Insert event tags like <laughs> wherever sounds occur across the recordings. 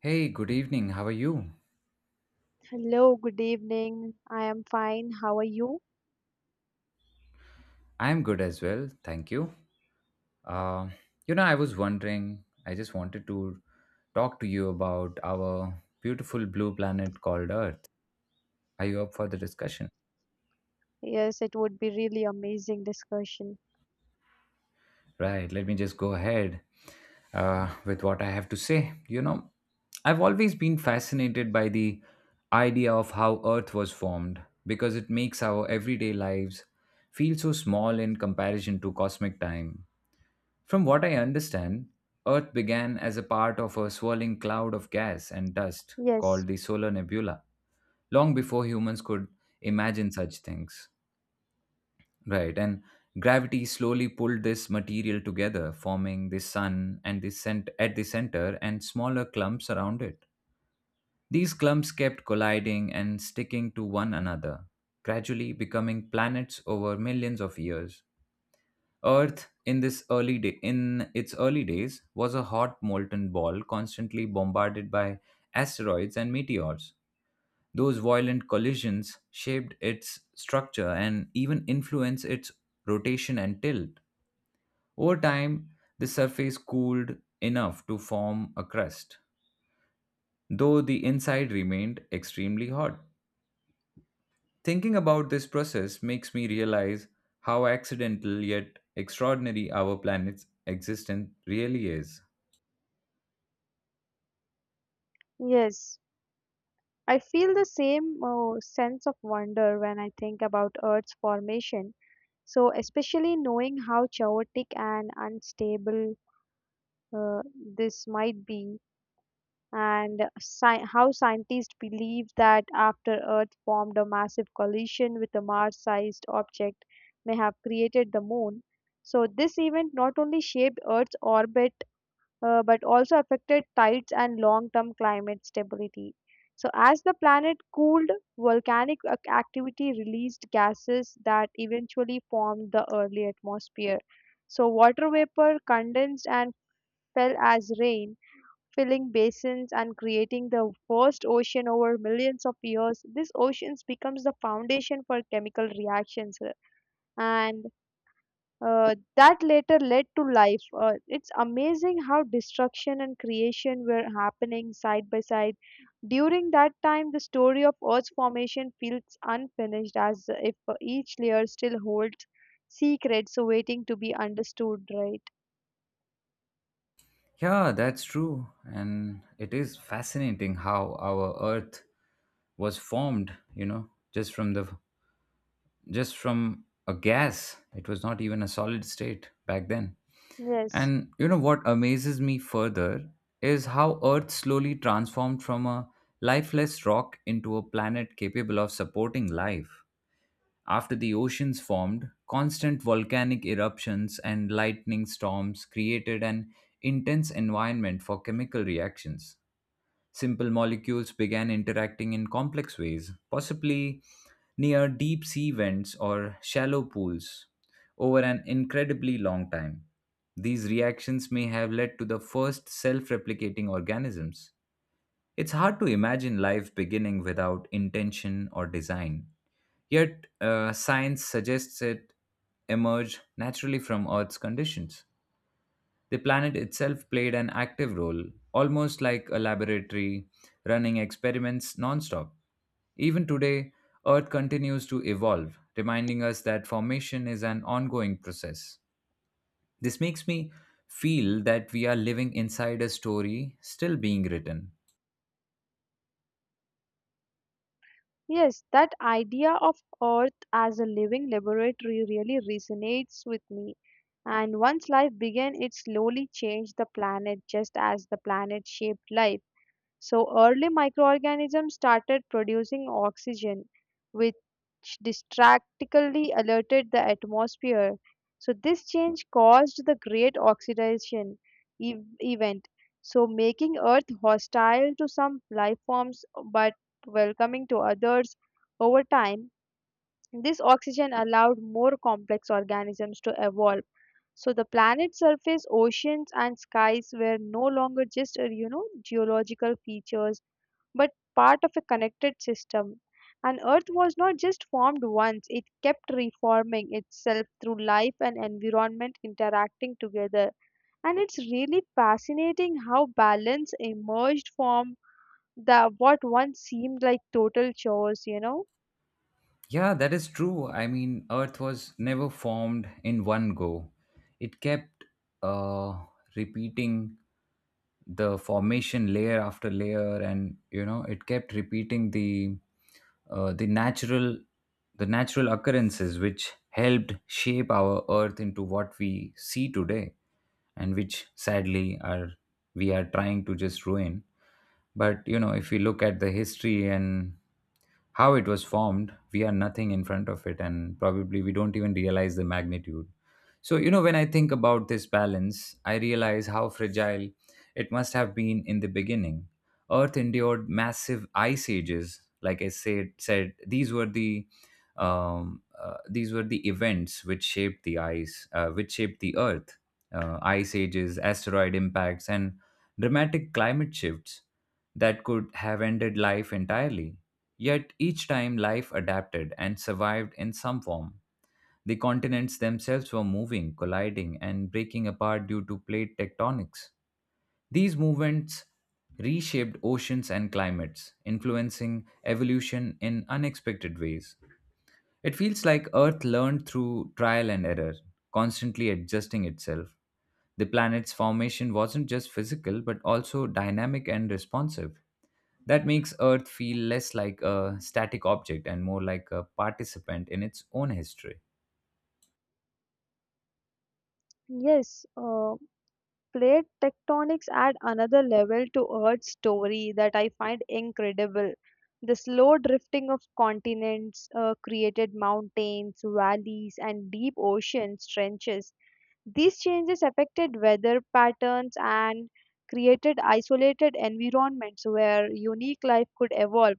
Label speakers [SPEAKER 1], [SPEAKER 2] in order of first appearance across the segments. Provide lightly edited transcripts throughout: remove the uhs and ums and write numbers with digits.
[SPEAKER 1] Hey, good evening. How are you?
[SPEAKER 2] Hello, good evening. I am fine. How are you?
[SPEAKER 1] I'm good as well. Thank you. Uh, I was wondering, I just wanted to talk to you about our beautiful blue planet called Earth. Are you up for the discussion?
[SPEAKER 2] Yes, it would be really amazing discussion.
[SPEAKER 1] Right, let me just go ahead with what I have to say. You know, I've always been fascinated by the idea of how Earth was formed because it makes our everyday lives feel so small in comparison to cosmic time. From what I understand, Earth began as a part of a swirling cloud of gas and dust
[SPEAKER 2] Yes,
[SPEAKER 1] called the solar nebula, long before humans could imagine such things. Right, and gravity slowly pulled this material together, forming the sun and at the center and smaller clumps around it. These clumps kept colliding and sticking to one another, gradually becoming planets over millions of years. Earth in its early days was a hot molten ball constantly bombarded by asteroids and meteors. Those violent collisions shaped its structure and even influenced its rotation and tilt. Over time, the surface cooled enough to form a crust, though the inside remained extremely hot. Thinking about this process makes me realize how accidental yet extraordinary our planet's existence really is.
[SPEAKER 2] yes. I feel the same sense of wonder when I think about Earth's formation. So, especially knowing how chaotic and unstable uh, this might be, and how scientists believe that after Earth formed a massive collision with a Mars sized object may have created the moon. So, this event not only shaped Earth's orbit but also affected tides and long term climate stability. So, as the planet cooled, volcanic activity released gases that eventually formed the early atmosphere. So, water vapor condensed and fell as rain, filling basins and creating the first ocean over millions of years. This oceans becomes the foundation for chemical reactions and that later led to life. It's amazing how destruction and creation were happening side by side during that time. The story of Earth's formation feels unfinished, as if each layer still holds secrets waiting to be understood, right?
[SPEAKER 1] Yeah, that's true. And it is fascinating how our earth was formed, you know, just from a gas. It was not even a solid state back then.
[SPEAKER 2] Yes.
[SPEAKER 1] And you know what amazes me further is how earth slowly transformed from a lifeless rock into a planet capable of supporting life. After the oceans formed, constant volcanic eruptions and lightning storms created an intense environment for chemical reactions. Simple molecules began interacting in complex ways, possibly near deep sea vents or shallow pools, over an incredibly long time. These reactions may have led to the first self replicating organisms. It's hard to imagine life beginning without intention or design. Yet, science suggests it emerged naturally from Earth's conditions. The planet itself played an active role, almost like a laboratory running experiments nonstop. Even today, Earth continues to evolve, reminding us that formation is an ongoing process. This makes me feel that we are living inside a story still being written.
[SPEAKER 2] Yes, that idea of Earth as a living laboratory really resonates with me. And once life began, it slowly changed the planet just as the planet shaped life. So early microorganisms started producing oxygen, which distractically alerted the atmosphere. So this change caused the Great Oxidation event, so making Earth hostile to some life forms but welcoming to others. Over time, this oxygen allowed more complex organisms to evolve. So the planet's surface, oceans, and skies were no longer just geological features but part of a connected system. And Earth was not just formed once, it kept reforming itself through life and environment interacting together. And it's really fascinating how balance emerged from the what once seemed like total chores, you know?
[SPEAKER 1] Yeah, that is true. I mean, Earth was never formed in one go. It kept uh, repeating the formation layer after layer, and you know, it kept repeating the uh, the natural the natural occurrences which helped shape our Earth into what we see today, and which sadly are we are trying to just ruin. But you know, if we look at the history and how it was formed, we are nothing in front of it, and probably we don't even realize the magnitude. So, you know, when I think about this balance, I realize how fragile it must have been in the beginning. Earth endured massive ice ages. Like I said, these were the events which shaped the ice, which shaped the Earth. Ice ages, asteroid impacts, and dramatic climate shifts that could have ended life entirely. Yet each time life adapted and survived in some form. The continents themselves were moving, colliding, and breaking apart due to plate tectonics. These movements reshaped oceans and climates, influencing evolution in unexpected ways. It feels like Earth learned through trial and error, constantly adjusting itself. The planet's formation wasn't just physical but also dynamic and responsive. That makes Earth feel less like a static object and more like a participant in its own history.
[SPEAKER 2] Yes, plate tectonics add another level to Earth's story that I find incredible. The slow drifting of continents created mountains, valleys, and deep ocean trenches. These changes affected weather patterns and created isolated environments where unique life could evolve.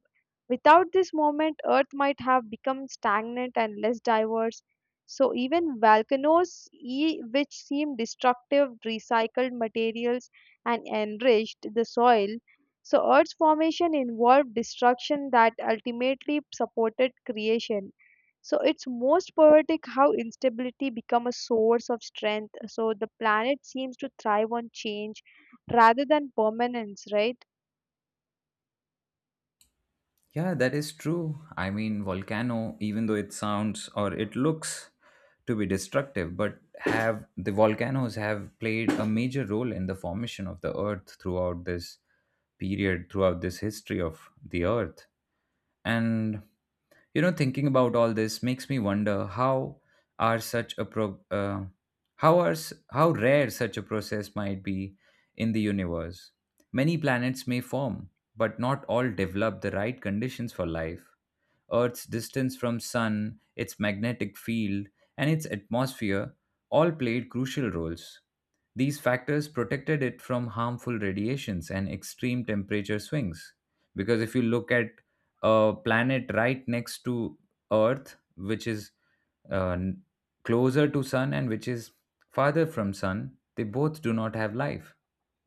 [SPEAKER 2] Without this movement, Earth might have become stagnant and less diverse. So, even volcanoes, which seem destructive, recycled materials and enriched the soil. So, Earth's formation involved destruction that ultimately supported creation. So it's most poetic how instability become a source of strength. So the planet seems to thrive on change rather than permanence, right?
[SPEAKER 1] Yeah, that is true. I mean, volcano, even though it sounds or it looks to be destructive, but have the volcanoes have played a major role in the formation of the Earth throughout this period, throughout this history of the Earth. And you know, thinking about all this makes me wonder how are such a pro how are s- how rare such a process might be in the universe. Many planets may form, but not all develop the right conditions for life. Earth's distance from sun, its magnetic field, and its atmosphere all played crucial roles. These factors protected it from harmful radiations and extreme temperature swings. Because if you look at a planet right next to Earth, which is uh, n- closer to Sun and which is farther from Sun, they both do not have life.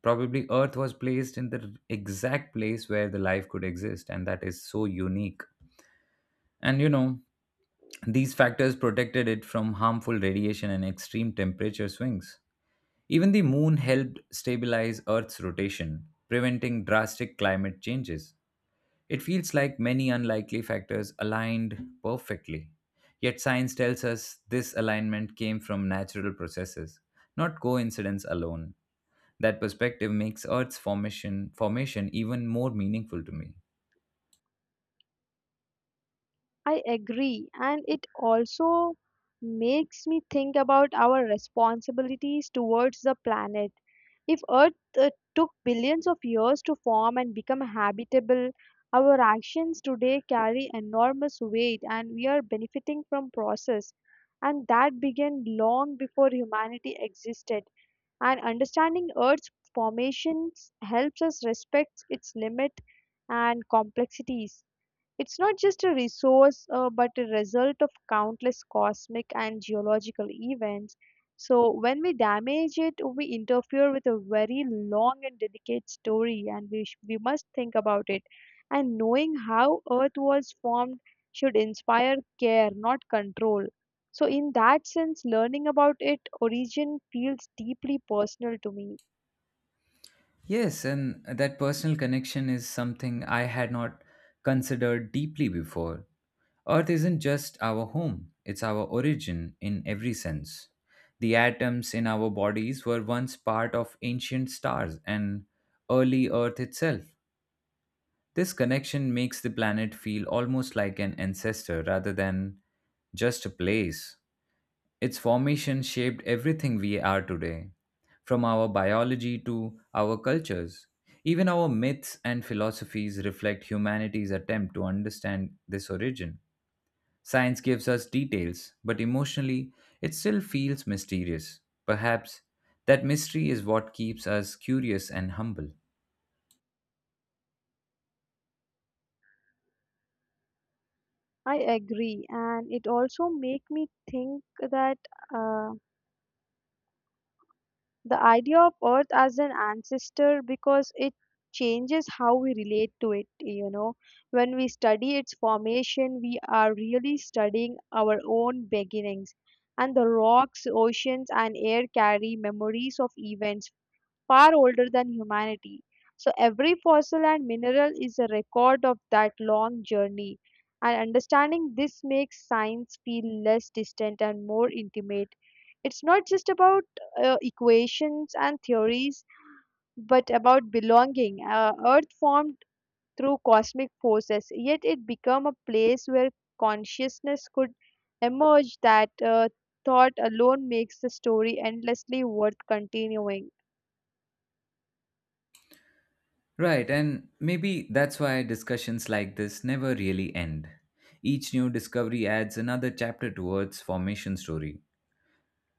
[SPEAKER 1] Probably Earth was placed in the exact place where the life could exist, and that is so unique. And you know, these factors protected it from harmful radiation and extreme temperature swings. Even the moon helped stabilize Earth's rotation, preventing drastic climate changes. It feels like many unlikely factors aligned perfectly. Yet science tells us this alignment came from natural processes, not coincidence alone. That perspective makes Earth's formation even more meaningful to me.
[SPEAKER 2] I agree, and it also makes me think about our responsibilities towards the planet. If Earth uh, took billions of years to form and become habitable, our actions today carry enormous weight, and we are benefiting from process and that began long before humanity existed. And understanding Earth's formations helps us respect its limit and complexities. It's not just a resource, but a result of countless cosmic and geological events. So, when we damage it, we interfere with a very long and delicate story, and we must think about it. And knowing how Earth was formed should inspire care, not control. So, in that sense, learning about its origin feels deeply personal to me.
[SPEAKER 1] Yes, and that personal connection is something I had not considered deeply before. Earth isn't just our home, it's our origin in every sense. The atoms in our bodies were once part of ancient stars and early Earth itself. This connection makes the planet feel almost like an ancestor rather than just a place. Its formation shaped everything we are today, from our biology to our cultures. Even our myths and philosophies reflect humanity's attempt to understand this origin. Science gives us details, but emotionally, it still feels mysterious. Perhaps that mystery is what keeps us curious and humble.
[SPEAKER 2] I agree, and it also make me think that. Uh, The idea of Earth as an ancestor, because it changes how we relate to it, you know. When we study its formation, we are really studying our own beginnings. And the rocks, oceans, and air carry memories of events far older than humanity. So every fossil and mineral is a record of that long journey. And understanding this makes science feel less distant and more intimate. It's not just about equations and theories, but about belonging. Earth formed through cosmic forces, yet it became a place where consciousness could emerge. That thought alone makes the story endlessly worth continuing.
[SPEAKER 1] Right, and maybe that's why discussions like this never really end. Each new discovery adds another chapter to Earth's formation story.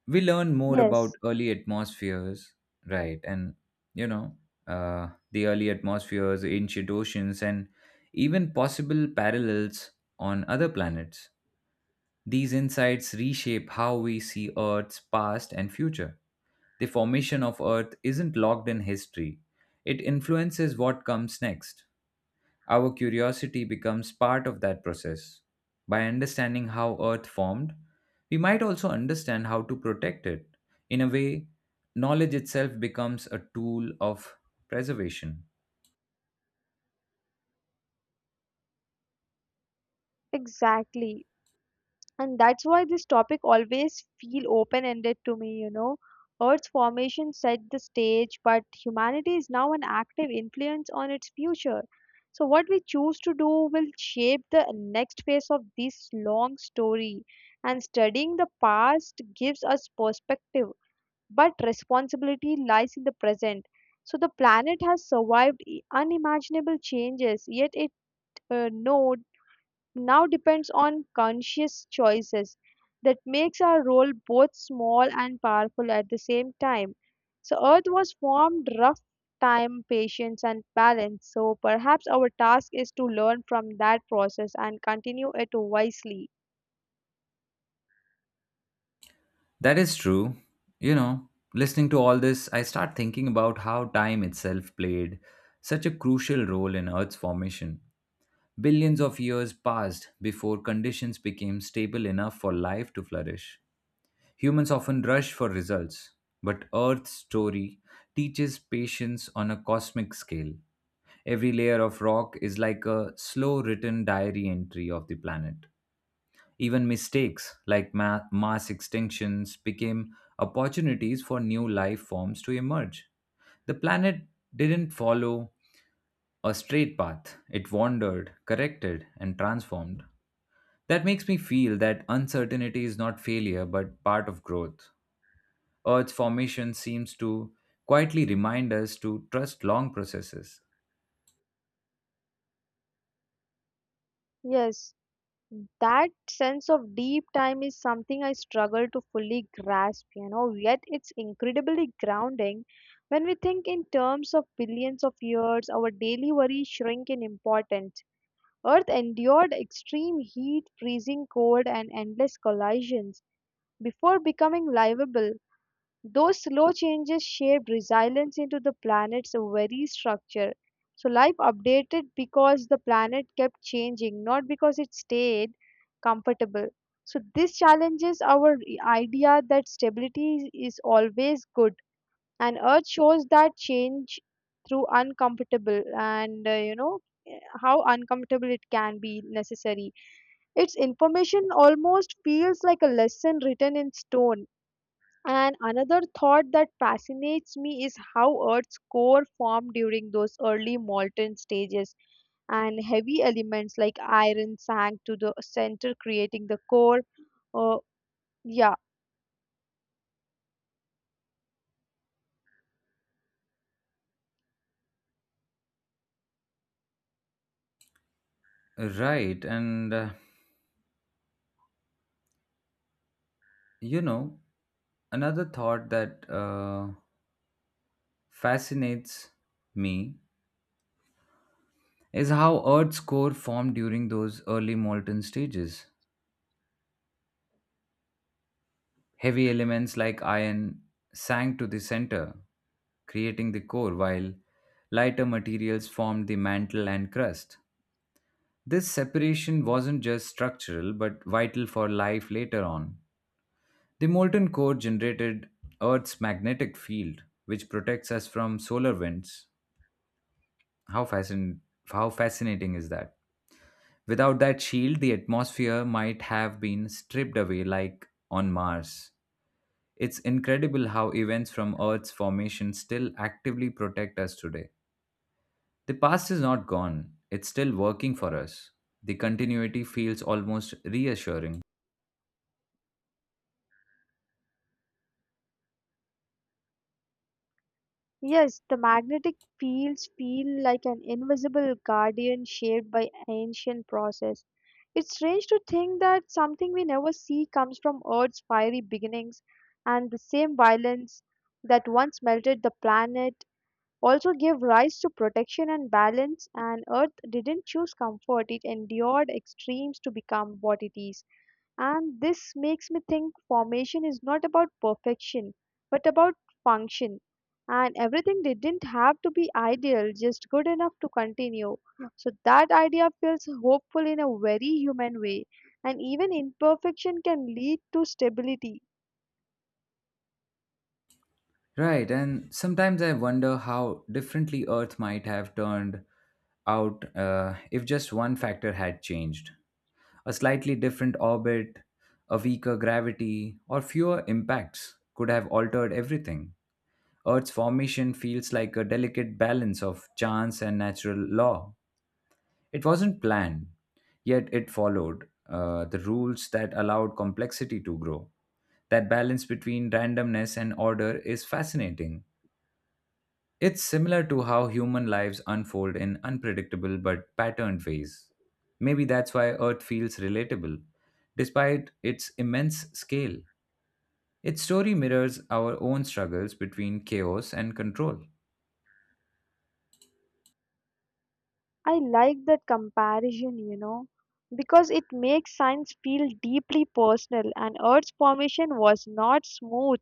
[SPEAKER 1] We learn more about
[SPEAKER 2] Yes,
[SPEAKER 1] early atmospheres, right, and you know, the early atmospheres, ancient oceans, and even possible parallels on other planets. These insights reshape how we see Earth's past and future. The formation of Earth isn't locked in history, it influences what comes next. Our curiosity becomes part of that process. By understanding how Earth formed, we might also understand how to protect it. In a way, knowledge itself becomes a tool of preservation.
[SPEAKER 2] exactly. And that's why this topic always feel open-ended to me. Earth's formation set the stage, but humanity is now an active influence on its future. So what we choose to do will shape the next phase of this long story. And studying the past gives us perspective, but responsibility lies in the present. So the planet has survived unimaginable changes, yet it know now depends on conscious choices. That makes our role both small and powerful at the same time. So Earth was formed rough time, patience and balance. So perhaps our task is to learn from that process and continue it wisely.
[SPEAKER 1] That is true. You know, listening to all this, I start thinking about how time itself played such a crucial role in Earth's formation. Billions of years passed before conditions became stable enough for life to flourish. Humans often rush for results, but Earth's story teaches patience on a cosmic scale. Every layer of rock is like a slow written diary entry of the planet. Even mistakes like mass extinctions became opportunities for new life forms to emerge. The planet didn't follow a straight path, it wandered, corrected, and transformed. That makes me feel that uncertainty is not failure but part of growth. Earth's formation seems to quietly remind us to trust long processes.
[SPEAKER 2] Yes, that sense of deep time is something I struggle to fully grasp, yet it's incredibly grounding. When we think in terms of billions of years, our daily worries shrink in importance. Earth endured extreme heat, freezing cold, and endless collisions before becoming livable. Those slow changes shaped resilience into the planet's very structure. So, life updated because the planet kept changing, not because it stayed comfortable. So, this challenges our idea that stability is always good, and Earth shows that change through uncomfortable and you know how uncomfortable it can be necessary. Its information almost feels like a lesson written in stone. And another thought that fascinates me is how Earth's core formed during those early molten stages, and heavy elements like iron sank to the center, creating the core. Uh, yeah,
[SPEAKER 1] Right, and you know, another thought that fascinates me is how Earth's core formed during those early molten stages. Heavy elements like iron sank to the center, creating the core, while lighter materials formed the mantle and crust. This separation wasn't just structural but vital for life later on. The molten core generated Earth's magnetic field, which protects us from solar winds. How, fascin- how fascinating is that? Without that shield, the atmosphere might have been stripped away like on Mars. It's incredible how events from Earth's formation still actively protect us today. The past is not gone, it's still working for us. The continuity feels almost reassuring.
[SPEAKER 2] yes, the magnetic fields feel like an invisible guardian shaped by ancient process. It's strange to think that something we never see comes from Earth's fiery beginnings, and the same violence that once melted the planet also gave rise to protection and balance. And Earth didn't choose comfort, it endured extremes to become what it is. And this makes me think formation is not about perfection, but about function. And everything didn't have to be ideal, just good enough to continue. Yeah. So that idea feels hopeful in a very human way. And even imperfection can lead to stability.
[SPEAKER 1] Right, and sometimes I wonder how differently Earth might have turned out if just one factor had changed. A slightly different orbit, a weaker gravity, or fewer impacts could have altered everything. Earth's formation feels like a delicate balance of chance and natural law. It wasn't planned, yet it followed the rules that allowed complexity to grow. That balance between randomness and order is fascinating. It's similar to how human lives unfold in unpredictable but patterned ways. Maybe that's why Earth feels relatable, despite its immense scale. Its story mirrors our own struggles between chaos and control.
[SPEAKER 2] I like that comparison, because it makes science feel deeply personal and Earth's formation was not smooth,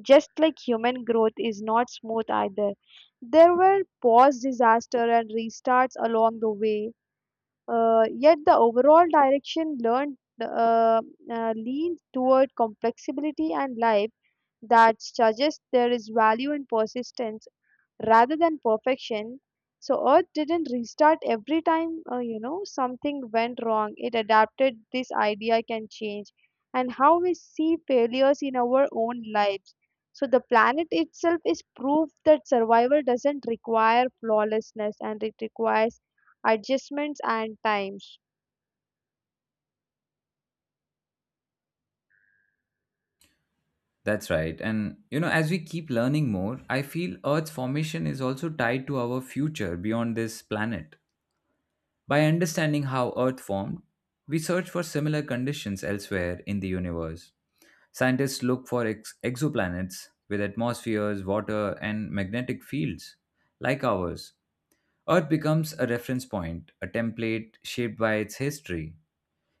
[SPEAKER 2] just like human growth is not smooth either. There were pause disaster and restarts along the way, yet the overall direction learned leans toward complexity and life that suggests there is value in persistence rather than perfection. So Earth didn't restart every time something went wrong. It adapted. This idea can change, and how we see failures in our own lives. So the planet itself is proof that survival doesn't require flawlessness, and it requires adjustments and times.
[SPEAKER 1] That's right. And you know, as we keep learning more, I feel Earth's formation is also tied to our future beyond this planet. By understanding how Earth formed, we search for similar conditions elsewhere in the universe. Scientists look for exoplanets with atmospheres, water, and magnetic fields like ours. Earth becomes a reference point, a template shaped by its history.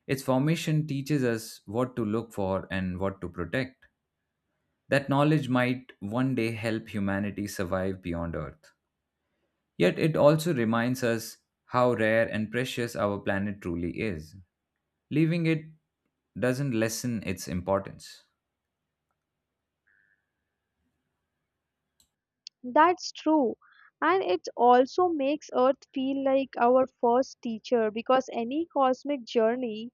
[SPEAKER 1] Its formation teaches us what to look for and what to protect. That knowledge might one day help humanity survive beyond Earth. Yet it also reminds us how rare and precious our planet truly is. Leaving it doesn't lessen its importance.
[SPEAKER 2] That's true. And it also makes Earth feel like our first teacher because any cosmic journey,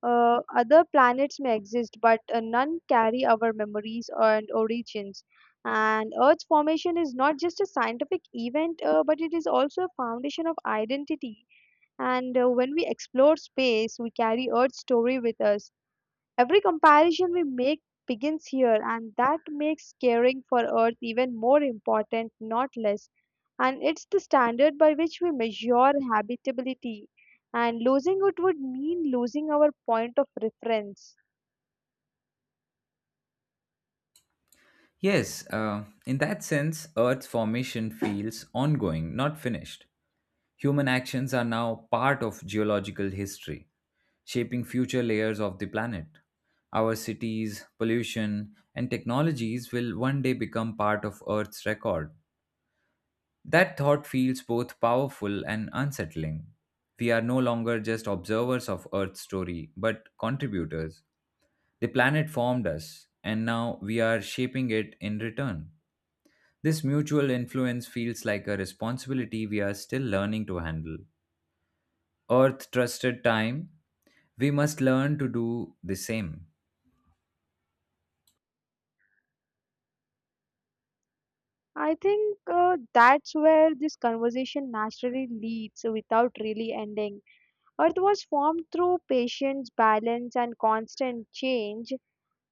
[SPEAKER 2] other planets may exist, but none carry our memories and origins. And Earth's formation is not just a scientific event, but it is also a foundation of identity. And when we explore space, we carry Earth's story with us. Every comparison we make begins here, and that makes caring for Earth even more important, not less. And it's the standard by which we measure habitability. And losing it would mean losing our point of reference.
[SPEAKER 1] Yes, in that sense, Earth's formation feels ongoing, not finished. Human actions are now part of geological history, shaping future layers of the planet. Our cities, pollution, and technologies will one day become part of Earth's record. That thought feels both powerful and unsettling. We are no longer just observers of Earth's story, but contributors. The planet formed us, and now we are shaping it in return. This mutual influence feels like a responsibility we are still learning to handle. Earth trusted time, we must learn to do the same.
[SPEAKER 2] I think that's where this conversation naturally leads without really ending. Earth was formed through patience, balance, and constant change.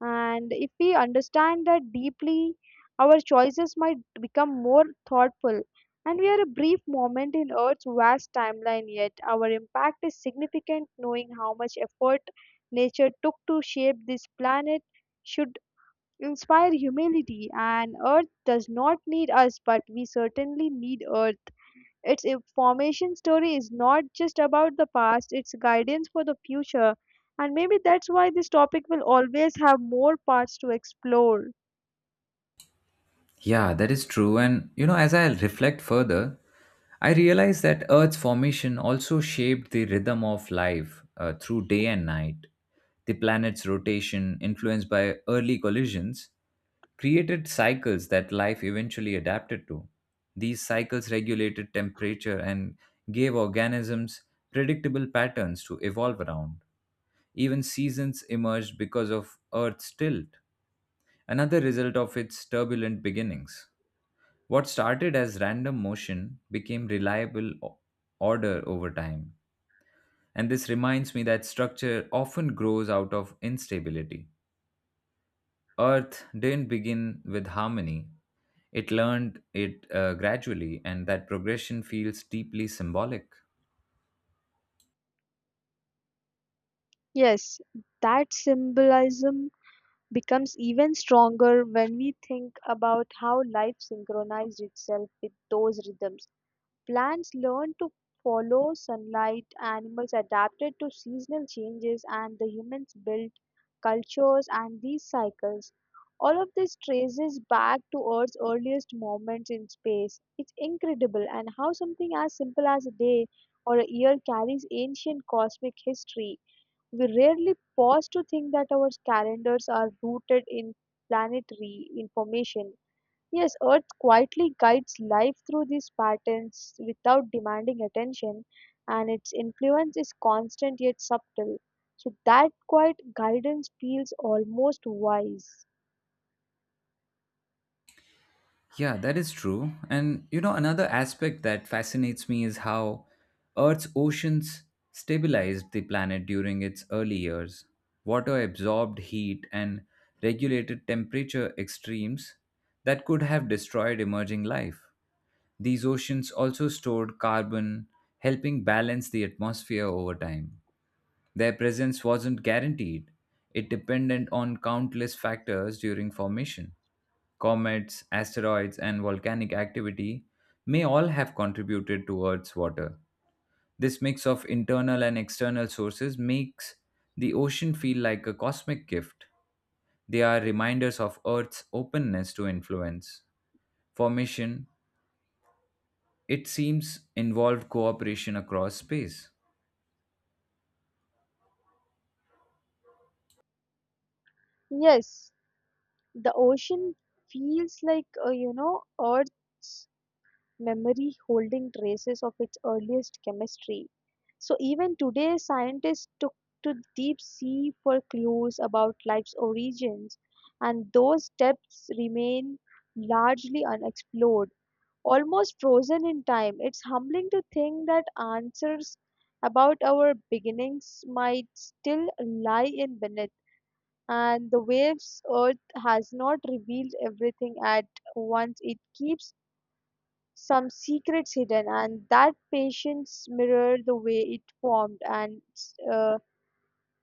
[SPEAKER 2] And if we understand that deeply, our choices might become more thoughtful. And we are a brief moment in Earth's vast timeline, yet our impact is significant. Knowing how much effort nature took to shape this planet should inspire humility. And Earth does not need us, but we certainly need Earth. Its a formation story is not just about the past, it's guidance for the future. And maybe that's why this topic will always have more parts to explore.
[SPEAKER 1] Yeah, that is true. And you know, as I reflect further, I realize that Earth's formation also shaped the rhythm of life through day and night. The planet's rotation, influenced by early collisions, created cycles that life eventually adapted to. These cycles regulated temperature and gave organisms predictable patterns to evolve around. Even seasons emerged because of Earth's tilt, another result of its turbulent beginnings. What started as random motion became reliable order over time. And this reminds me that structure often grows out of instability. Earth didn't begin with harmony. It learned it gradually, and that progression feels deeply symbolic.
[SPEAKER 2] Yes, that symbolism becomes even stronger when we think about how life synchronized itself with those rhythms. Plants learned to follow sunlight, animals adapted to seasonal changes, and the humans built cultures and these cycles. All of this traces back to Earth's earliest moments in space. It's incredible, and how something as simple as a day or a year carries ancient cosmic history. We rarely pause to think that our calendars are rooted in planetary information. Yes, Earth quietly guides life through these patterns without demanding attention, and its influence is constant yet subtle. So, that quiet guidance feels almost wise.
[SPEAKER 1] Yeah, that is true. And you know, another aspect that fascinates me is how Earth's oceans stabilized the planet during its early years. Water absorbed heat and regulated temperature extremes that could have destroyed emerging life. These oceans also stored carbon, helping balance the atmosphere over time. Their presence wasn't guaranteed. It depended on countless factors during formation. Comets, asteroids, and volcanic activity may all have contributed to Earth's water. This mix of internal and external sources makes the ocean feel like a cosmic gift. They are reminders of Earth's openness to influence. Formation, it seems, involved cooperation across space.
[SPEAKER 2] Yes, the ocean feels like Earth memory holding traces of its earliest chemistry. So even today, scientists took to deep sea for clues about life's origins, and those depths remain largely unexplored, almost frozen in time. It's humbling to think that answers about our beginnings might still lie in beneath and the waves. Earth has not revealed everything at once. It keeps some secrets hidden, and that patience mirror the way it formed. Uh,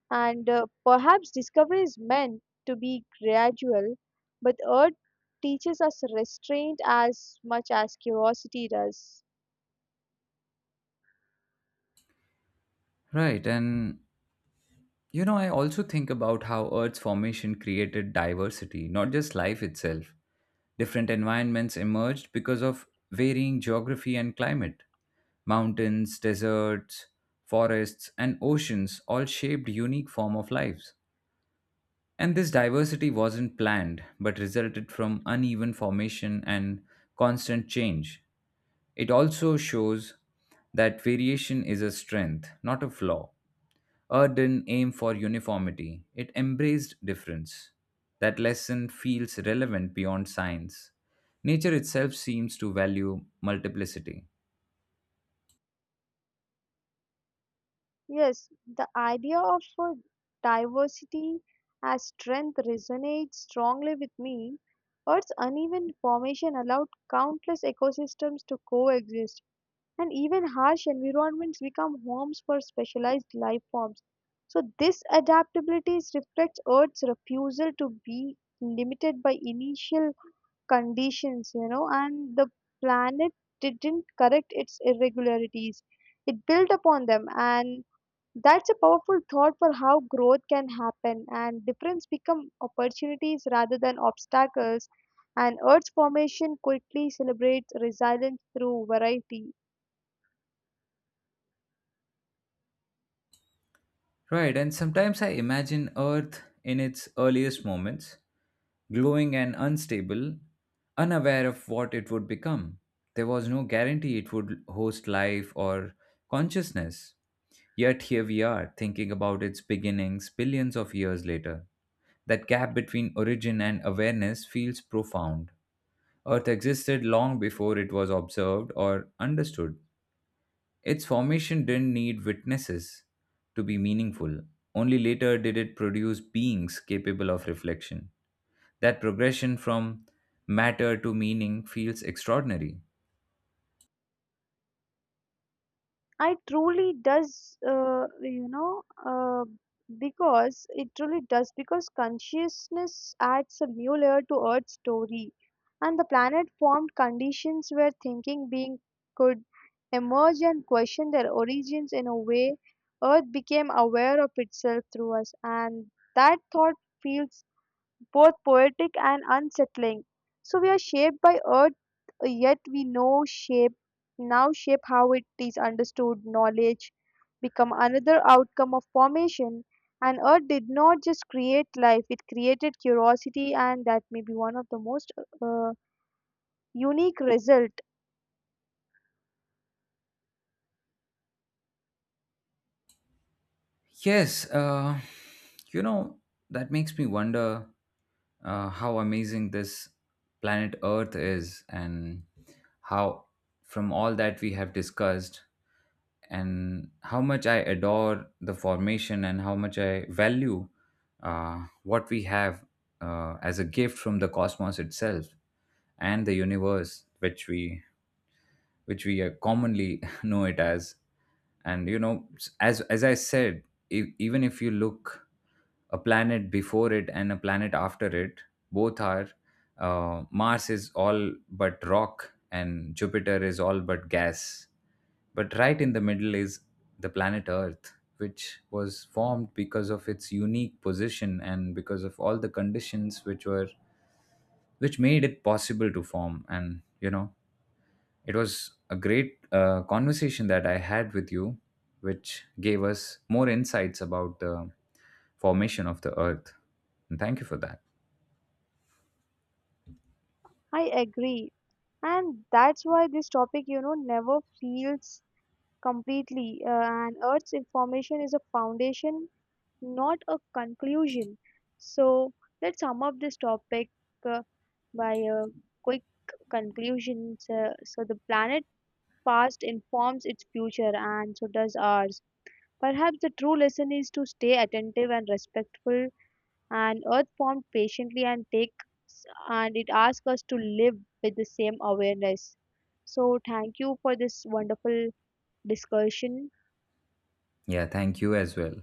[SPEAKER 2] and perhaps discovery is meant to be gradual, but art teaches us restraint as much as curiosity does.
[SPEAKER 1] Right, and you know, I also think about how Earth's formation created diversity, not just life itself. Different environments emerged because of varying geography and climate. Mountains, deserts, forests, and oceans all shaped unique form of lives. And this diversity wasn't planned, but resulted from uneven formation and constant change. It also shows that variation is a strength, not a flaw. Art didn't aim for uniformity, it embraced difference. That lesson feels relevant beyond science. Nature itself seems to value multiplicity.
[SPEAKER 2] Yes, the idea of diversity as strength resonates strongly with me. Earth's uneven formation allowed countless ecosystems to coexist, and even harsh environments become homes for specialized life forms. So, this adaptability reflects Earth's refusal to be limited by initial conditions, and the planet didn't correct its irregularities. It built upon them, and that's a powerful thought for how growth can happen and difference become opportunities rather than obstacles. And Earth's formation quickly celebrates resilience through variety.
[SPEAKER 1] Right, and sometimes I imagine Earth in its earliest moments, glowing and unstable, unaware of what it would become. There was no guarantee it would host life or consciousness. Yet here we are, thinking about its beginnings billions of years later. That gap between origin and awareness feels profound. Earth existed long before it was observed or understood. Its formation didn't need witnesses to be meaningful. Only later did it produce beings capable of reflection. That progression from matter to meaning feels extraordinary.
[SPEAKER 2] I truly does, you know, Because it truly does, because consciousness adds a new layer to Earth's story, and the planet formed conditions where thinking being could emerge and question their origins in a way. Earth became aware of itself through us, and that thought feels both poetic and unsettling. So we are shaped by Earth, yet we know shape now shape how it is understood. Knowledge become another outcome of formation. And Earth did not just create life; it created curiosity, and that may be one of the most uh, unique result.
[SPEAKER 1] Yes, you know, that makes me wonder how amazing this planet Earth is, and how, from all that we have discussed, and how much I adore the formation and how much I value what we have as a gift from the cosmos itself and the universe, which we commonly <laughs> know it as. And you know, as I said, even if you look a planet before it and a planet after it, both are— Mars is all but rock and Jupiter is all but gas, but right in the middle is the planet Earth, which was formed because of its unique position and because of all the conditions which made it possible to form. And you know, it was a great conversation that I had with you, which gave us more insights about the formation of the Earth. And thank you for that.
[SPEAKER 2] I agree, and that's why this topic, never feels completely. And Earth's information is a foundation not a conclusion. So let's sum up this topic uh, by a quick conclusion. So, the planet past informs its future, and so does ours. Perhaps the true lesson is to stay attentive and respectful, and Earth formed patiently and take and it asks us to live with the same awareness. So thank you for this wonderful discussion.
[SPEAKER 1] Yeah, thank you as well.